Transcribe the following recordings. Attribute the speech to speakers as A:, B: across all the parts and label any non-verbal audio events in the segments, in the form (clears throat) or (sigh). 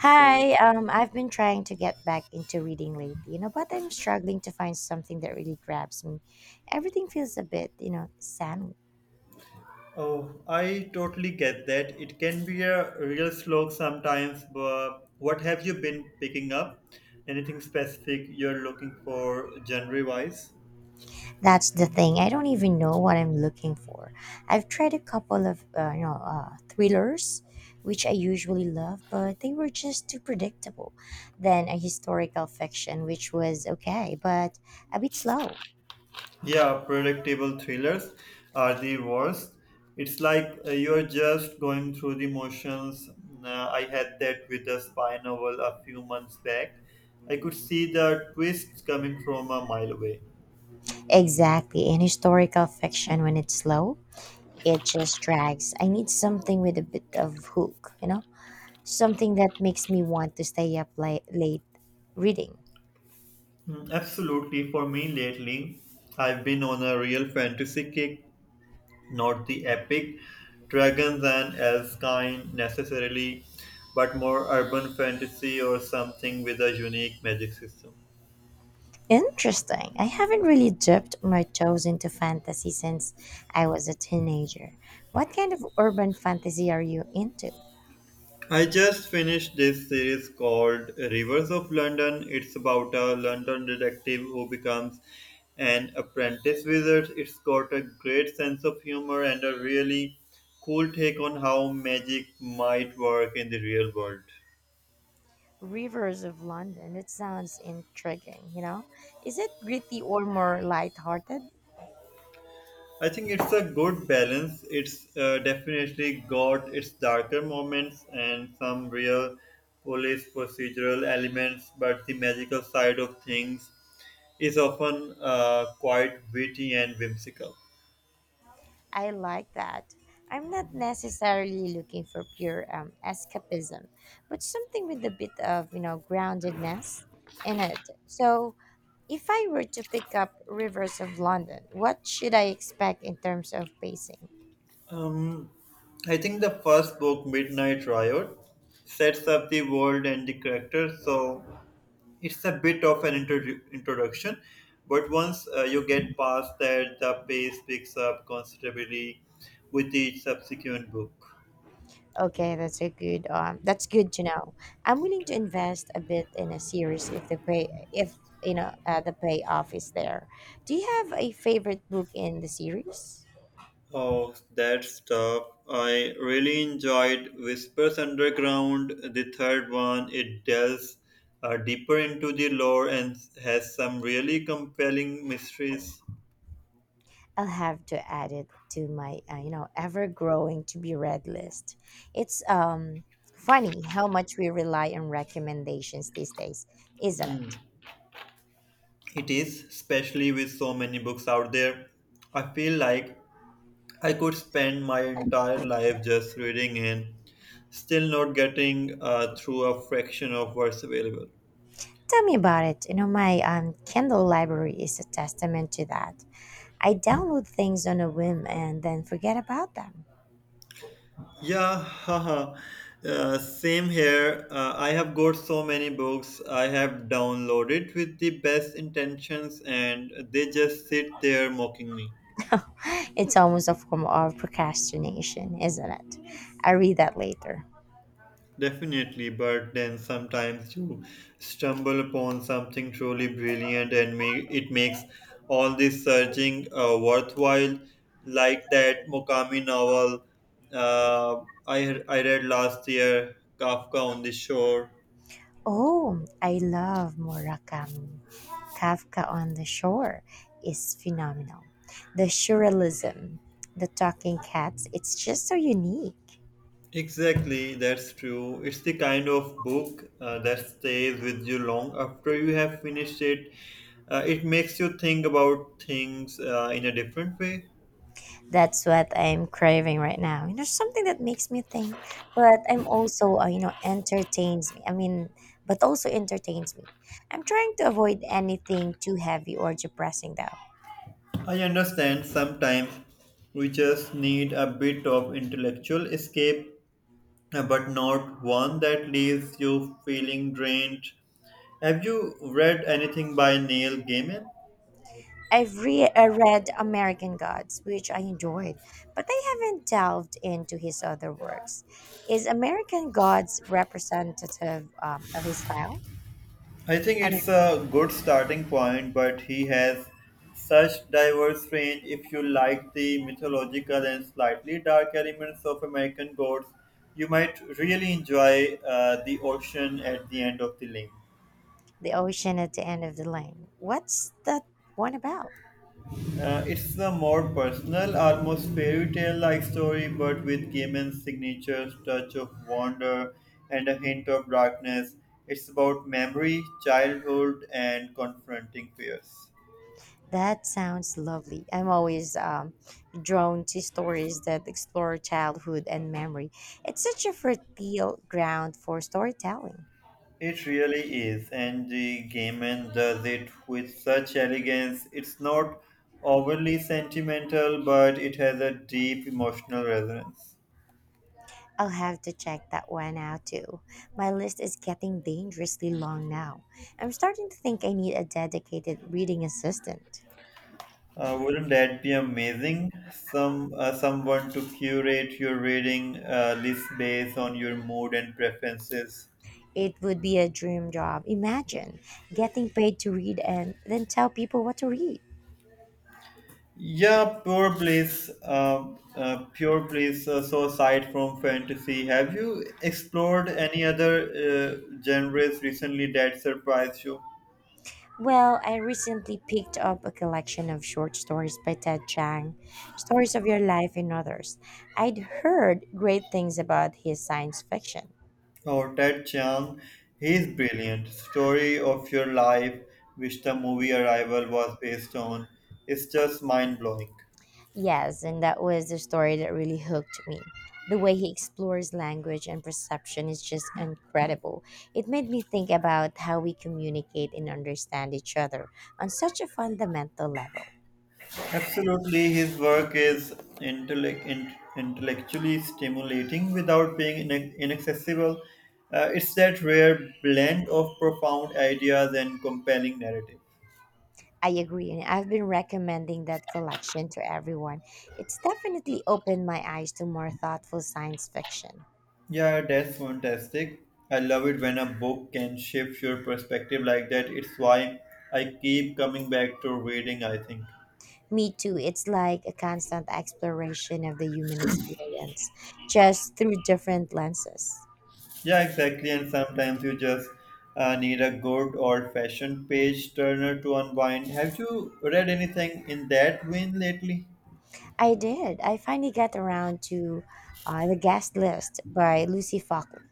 A: So,
B: um, I've been trying to get back into reading lately, you know, but I'm struggling to find something that really grabs me. Everything feels a bit, you know, sandwich.
A: oh, I totally get that. It can be a real slog sometimes, but what have you been picking up? Anything specific you're looking for genre wise?
B: That's the thing. I don't even know what I'm looking for. I've tried a couple of, thrillers, which I usually love, but they were just too predictable. Then a historical fiction, which was okay, but a bit slow.
A: Yeah, predictable thrillers are the worst. It's like you're just going through the motions. I had that with a spy novel a few months back. I could see the twists coming from a mile away.
B: Exactly, in historical fiction, when it's slow it just drags. I need something with a bit of hook, you know? Something that makes me want to stay up late reading.
A: Mm, absolutely. For me lately, I've been on a real fantasy kick, not the epic dragons and elves kind necessarily, but more urban fantasy or something with a unique magic system.
B: Interesting. I haven't really dipped my toes into fantasy since I was a teenager. What kind of urban fantasy are you into?
A: I just finished this series called Rivers of London. It's about a London detective who becomes an apprentice wizard. It's got a great sense of humor and a really cool take on how magic might work in the real world.
B: Rivers of London. It sounds intriguing, you know? Is it gritty or more lighthearted?
A: I think it's a good balance. It's definitely got its darker moments and some real police procedural elements, but the magical side of things is often quite witty and whimsical.
B: I like that. I'm not necessarily looking for pure escapism, but something with a bit of, you know, groundedness in it. So, if I were to pick up Rivers of London, what should I expect in terms of pacing?
A: Um, I think the first book, Midnight Riot, sets up the world and the characters, so it's a bit of an introduction. But once you get past that, the pace picks up considerably with each subsequent book.
B: Okay, that's a good that's good to know. I'm willing to invest a bit in a series if the pay if you know the payoff is there. Do you have a favorite book in the series?
A: Oh, that stuff, I really enjoyed Whispers Underground, the third one. It delves deeper into the lore and has some really compelling mysteries.
B: I'll have to add it to my, ever growing to be read list. It's funny how much we rely on recommendations these days, isn't it?
A: It is, especially with so many books out there. I feel like I could spend my entire life just reading and still not getting through a fraction of what's available.
B: Tell me about it. You know, my Kindle library is a testament to that. I download things on a whim and then forget about them.
A: Yeah, haha. Same here. I have got so many books I have downloaded with the best intentions and they just sit there mocking me.
B: (gasps) (laughs) It's almost a form of procrastination, isn't it? I read that later.
A: Definitely, but then sometimes you stumble upon something truly brilliant and it makes all this searching worthwhile, like that Murakami novel uh, I read last year, Kafka on the Shore.
B: Oh, I love Murakami. Kafka on the Shore is phenomenal. The surrealism, the talking cats, it's just so unique.
A: Exactly, that's true. It's the kind of book that stays with you long after you have finished it. It makes you think about things in a different way.
B: That's what I'm craving right now. You know, something that makes me think, but I'm also, you know, entertains me. I mean, but also entertains me. I'm trying to avoid anything too heavy or depressing, though.
A: I understand, sometimes we just need a bit of intellectual escape, but not one that leaves you feeling drained. Have you read anything by Neil Gaiman?
B: I've read American Gods, which I enjoyed, but I haven't delved into his other works. Is American Gods representative of his style?
A: I think
B: I mean,
A: it's a good starting point, but he has such diverse range. If you like the mythological and slightly dark elements of American Gods, you might really enjoy The Ocean at the End of the Lane.
B: The Ocean at the End of the Lane. What's that one about?
A: It's a more personal, almost fairy tale like story, but with Gaiman's signature touch of wonder and a hint of darkness. It's about memory, childhood, and confronting fears.
B: That sounds lovely. I'm always drawn to stories that explore childhood and memory. It's such a fertile ground for storytelling.
A: It really is, and the Gaiman does it with such elegance. It's not overly sentimental, but it has a deep emotional resonance.
B: I'll have to check that one out too. My list is getting dangerously long now. I'm starting to think I need a dedicated reading assistant.
A: Wouldn't that be amazing? Someone to curate your reading list based on your mood and preferences.
B: It would be a dream job. Imagine getting paid to read and then tell people what to read.
A: Yeah, pure bliss. Pure bliss. So aside from fantasy, have you explored any other genres recently that surprised you?
B: Well, I recently picked up a collection of short stories by Ted Chiang, Stories of Your Life and Others. I'd heard great things about his science fiction.
A: Oh, Ted Chiang, he's brilliant. Story of Your Life, which the movie Arrival was based on, is just mind blowing.
B: Yes, and that was the story that really hooked me. The way he explores language and perception is just incredible. It made me think about how we communicate and understand each other on such a fundamental level.
A: Absolutely, his work is intellectually stimulating without being inaccessible. It's that rare blend of profound ideas and compelling narrative.
B: I agree, and I've been recommending that collection to everyone. It's definitely opened my eyes to more thoughtful science fiction.
A: Yeah, that's fantastic. I love it when a book can shift your perspective like that. It's why I keep coming back to reading, I think.
B: Me too, it's like a constant exploration of the human experience, just through different lenses.
A: Yeah, exactly. And sometimes you just need a good old fashioned page turner to unwind. Have you read anything in that vein lately?
B: I did. I finally got around to The Guest List by Lucy Falkley.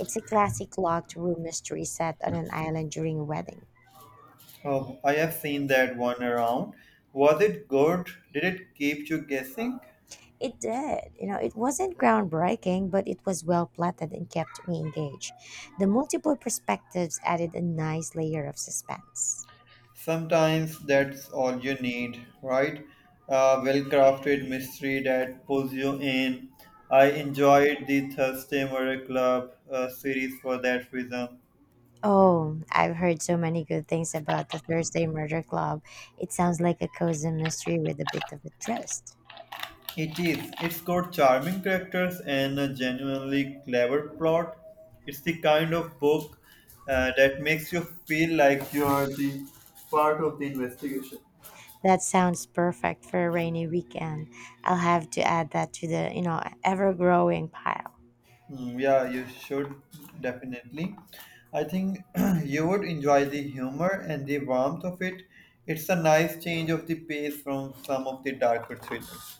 B: It's a classic locked room mystery set on an island during a wedding.
A: Oh, I have seen that one around. Was it good? Did it keep you guessing?
B: It did. You know, it wasn't groundbreaking, but it was well plotted and kept me engaged. The multiple perspectives added a nice layer of suspense.
A: Sometimes that's all you need, right? A well crafted mystery that pulls you in. I enjoyed the Thursday Murder Club series for that reason.
B: Oh, I've heard so many good things about the Thursday Murder Club. It sounds like a cozy mystery with a bit of a twist.
A: It is. It's got charming characters and a genuinely clever plot. It's the kind of book that makes you feel like you are the part of the investigation.
B: That sounds perfect for a rainy weekend. I'll have to add that to the, ever-growing pile.
A: Mm, yeah, you should definitely. I think (clears throat) you would enjoy the humor and the warmth of it. It's a nice change of the pace from some of the darker thrillers.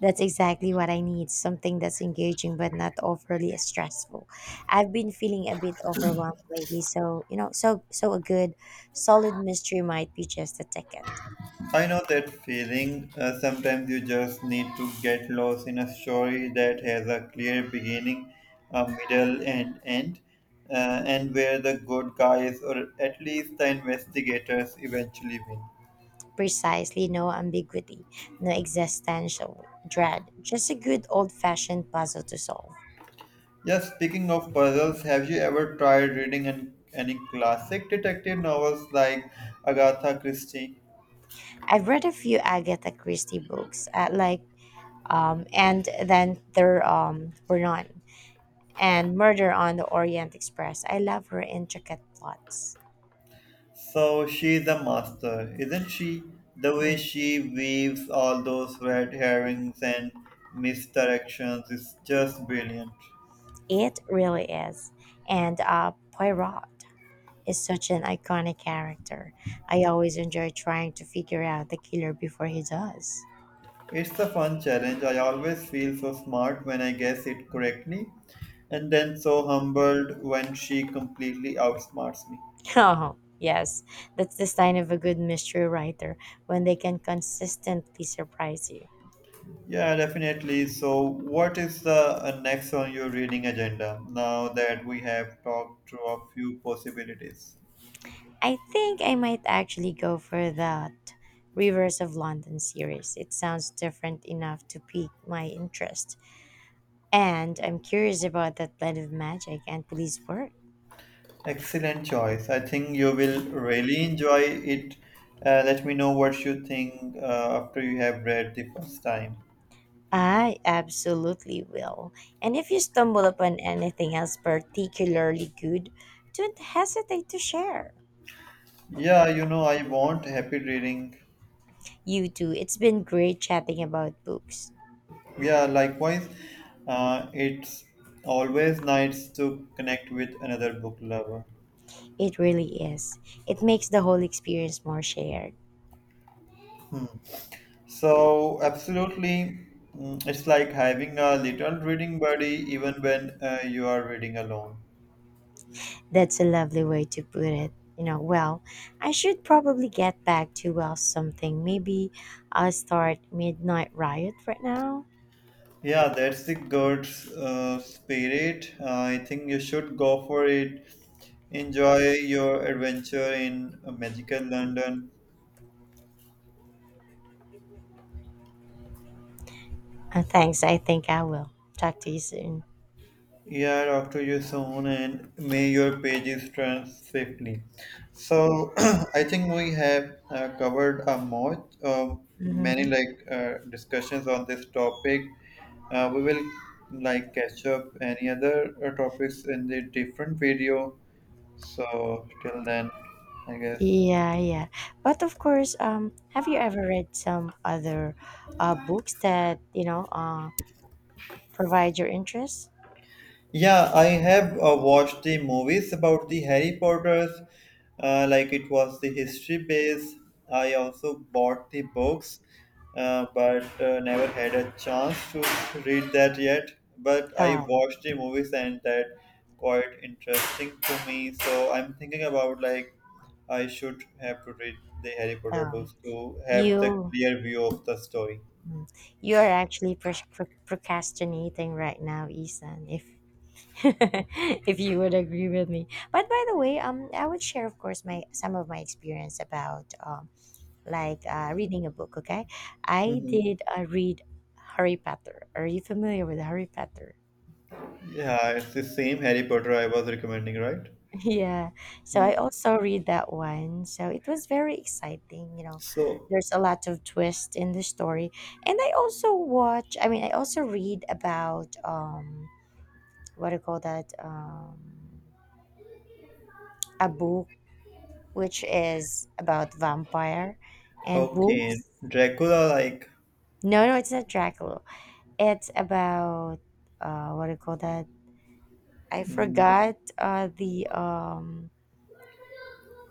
B: That's exactly what I need, something that's engaging but not overly stressful. I've been feeling a bit overwhelmed lately, so a good solid mystery might be just the ticket.
A: I know that feeling. Sometimes you just need to get lost in a story that has a clear beginning, a middle, and end, and where the good guys or at least the investigators eventually win.
B: Precisely, no ambiguity, no existential dread, just a good old-fashioned puzzle to solve.
A: Yeah, speaking of puzzles, have you ever tried reading any classic detective novels like Agatha Christie?
B: I've read a few Agatha Christie books, like and then there were none. And Murder on the Orient Express. I love her intricate plots.
A: So she's a master, isn't she? The way
B: Mm.
A: she weaves all those red herrings and misdirections is just brilliant.
B: It really is. And Poirot is such an iconic character. I always enjoy trying to figure out the killer before he does. (laughs)
A: It's a fun challenge. I always feel so smart when I guess it correctly, and then so humbled when she completely outsmarts me.
B: Oh, yes, that's the sign of a good mystery writer when they can consistently surprise you.
A: Yeah, definitely. So, what is the next on your reading agenda now that we have talked through a few possibilities?
B: I think I might actually go for that Rivers of London series. It sounds different enough to pique my interest. And I'm curious about that blend of magic and police work.
A: Excellent choice. I think you will really enjoy it. Let me know what you think after you have read the first time.
B: I absolutely will. And if you stumble upon anything else particularly good, don't hesitate to share.
A: Yeah, you know, I want happy reading.
B: You too. It's been great chatting about books.
A: Yeah, likewise. It's always nice to connect with another book lover.
B: It really is. It makes the whole experience more shared.
A: So, absolutely, mm, it's like having a little reading buddy even when you are reading alone.
B: That's a lovely way to put it. You know, well, I should probably get back to well something. Maybe I'll start Midnight Riot right now.
A: Yeah, that's the good spirit. I think you should go for it. Enjoy your adventure in magical London.
B: Thanks, I think I will. Talk to you soon.
A: Yeah, talk to you soon, and may your pages turn safely. So (clears throat) I think we have covered a much many
B: Hmm.
A: like discussions on this topic. We will like catch up any other topics in the different video. So till then, I guess.
B: Yeah, yeah. But of course, have you ever read some other books that, provide your interest?
A: Yeah, I have watched the movies about the Harry Potters, like it was the history base. I also bought the books, but never had a chance to read that yet. But I
B: Um,
A: watched the movies, and that quite interesting to me. So I'm thinking about like I should have to read the Harry Potter
B: um,
A: books to have the
B: you
A: clear view of the story.
B: mm, you are actually procrastinating right now, Isan. If (laughs) If you would agree with me. But by the way, I would share, of course, my some of my experience about reading a book. Okay, I
A: Hmm.
B: did uh, read Harry Potter. Are you familiar with Harry Potter?
A: Yeah, it's the same Harry Potter I was recommending, right?
B: (laughs) Yeah. So I also read that one. So it was very exciting. You know,
A: So,
B: there's a lot of twist in the story, and I also watch. I mean, I also read about what do you call that? A book which is about vampire and
A: okay,
B: wolves.
A: Dracula, like,
B: No, no, it's not Dracula. It's about what do you call that? I
A: mm,
B: forgot the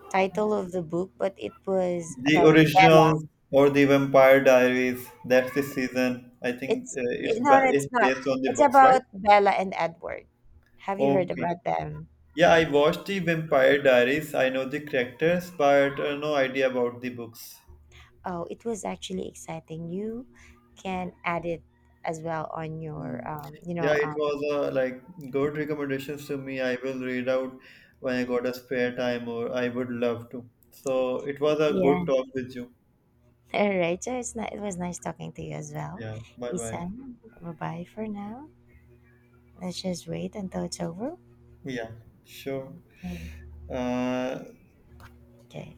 B: title of the book, but it was
A: the
B: about
A: original
B: Bella.
A: or the Vampire Diaries, that's the season. I think
B: It's No, no, it's
A: it's
B: not.
A: based on the
B: It's
A: books, right?
B: about Bella and Edward. Have you heard
A: Okay.
B: about them?
A: Yeah, I watched the Vampire Diaries. I know the characters, but no idea about the books.
B: Oh, it was actually exciting. You can add it as well on your,
A: Mm. Yeah, it was like good recommendations to me. I will read out when I got a spare time, or I would love to. So it was a
B: yeah.
A: good talk with you.
B: All right. So it's not, It was nice talking to you as well.
A: Yeah, bye bye.
B: Isan, bye for now. Let's just wait until it's over.
A: Yeah, sure.
B: Okay.
A: Uh,
B: Okay.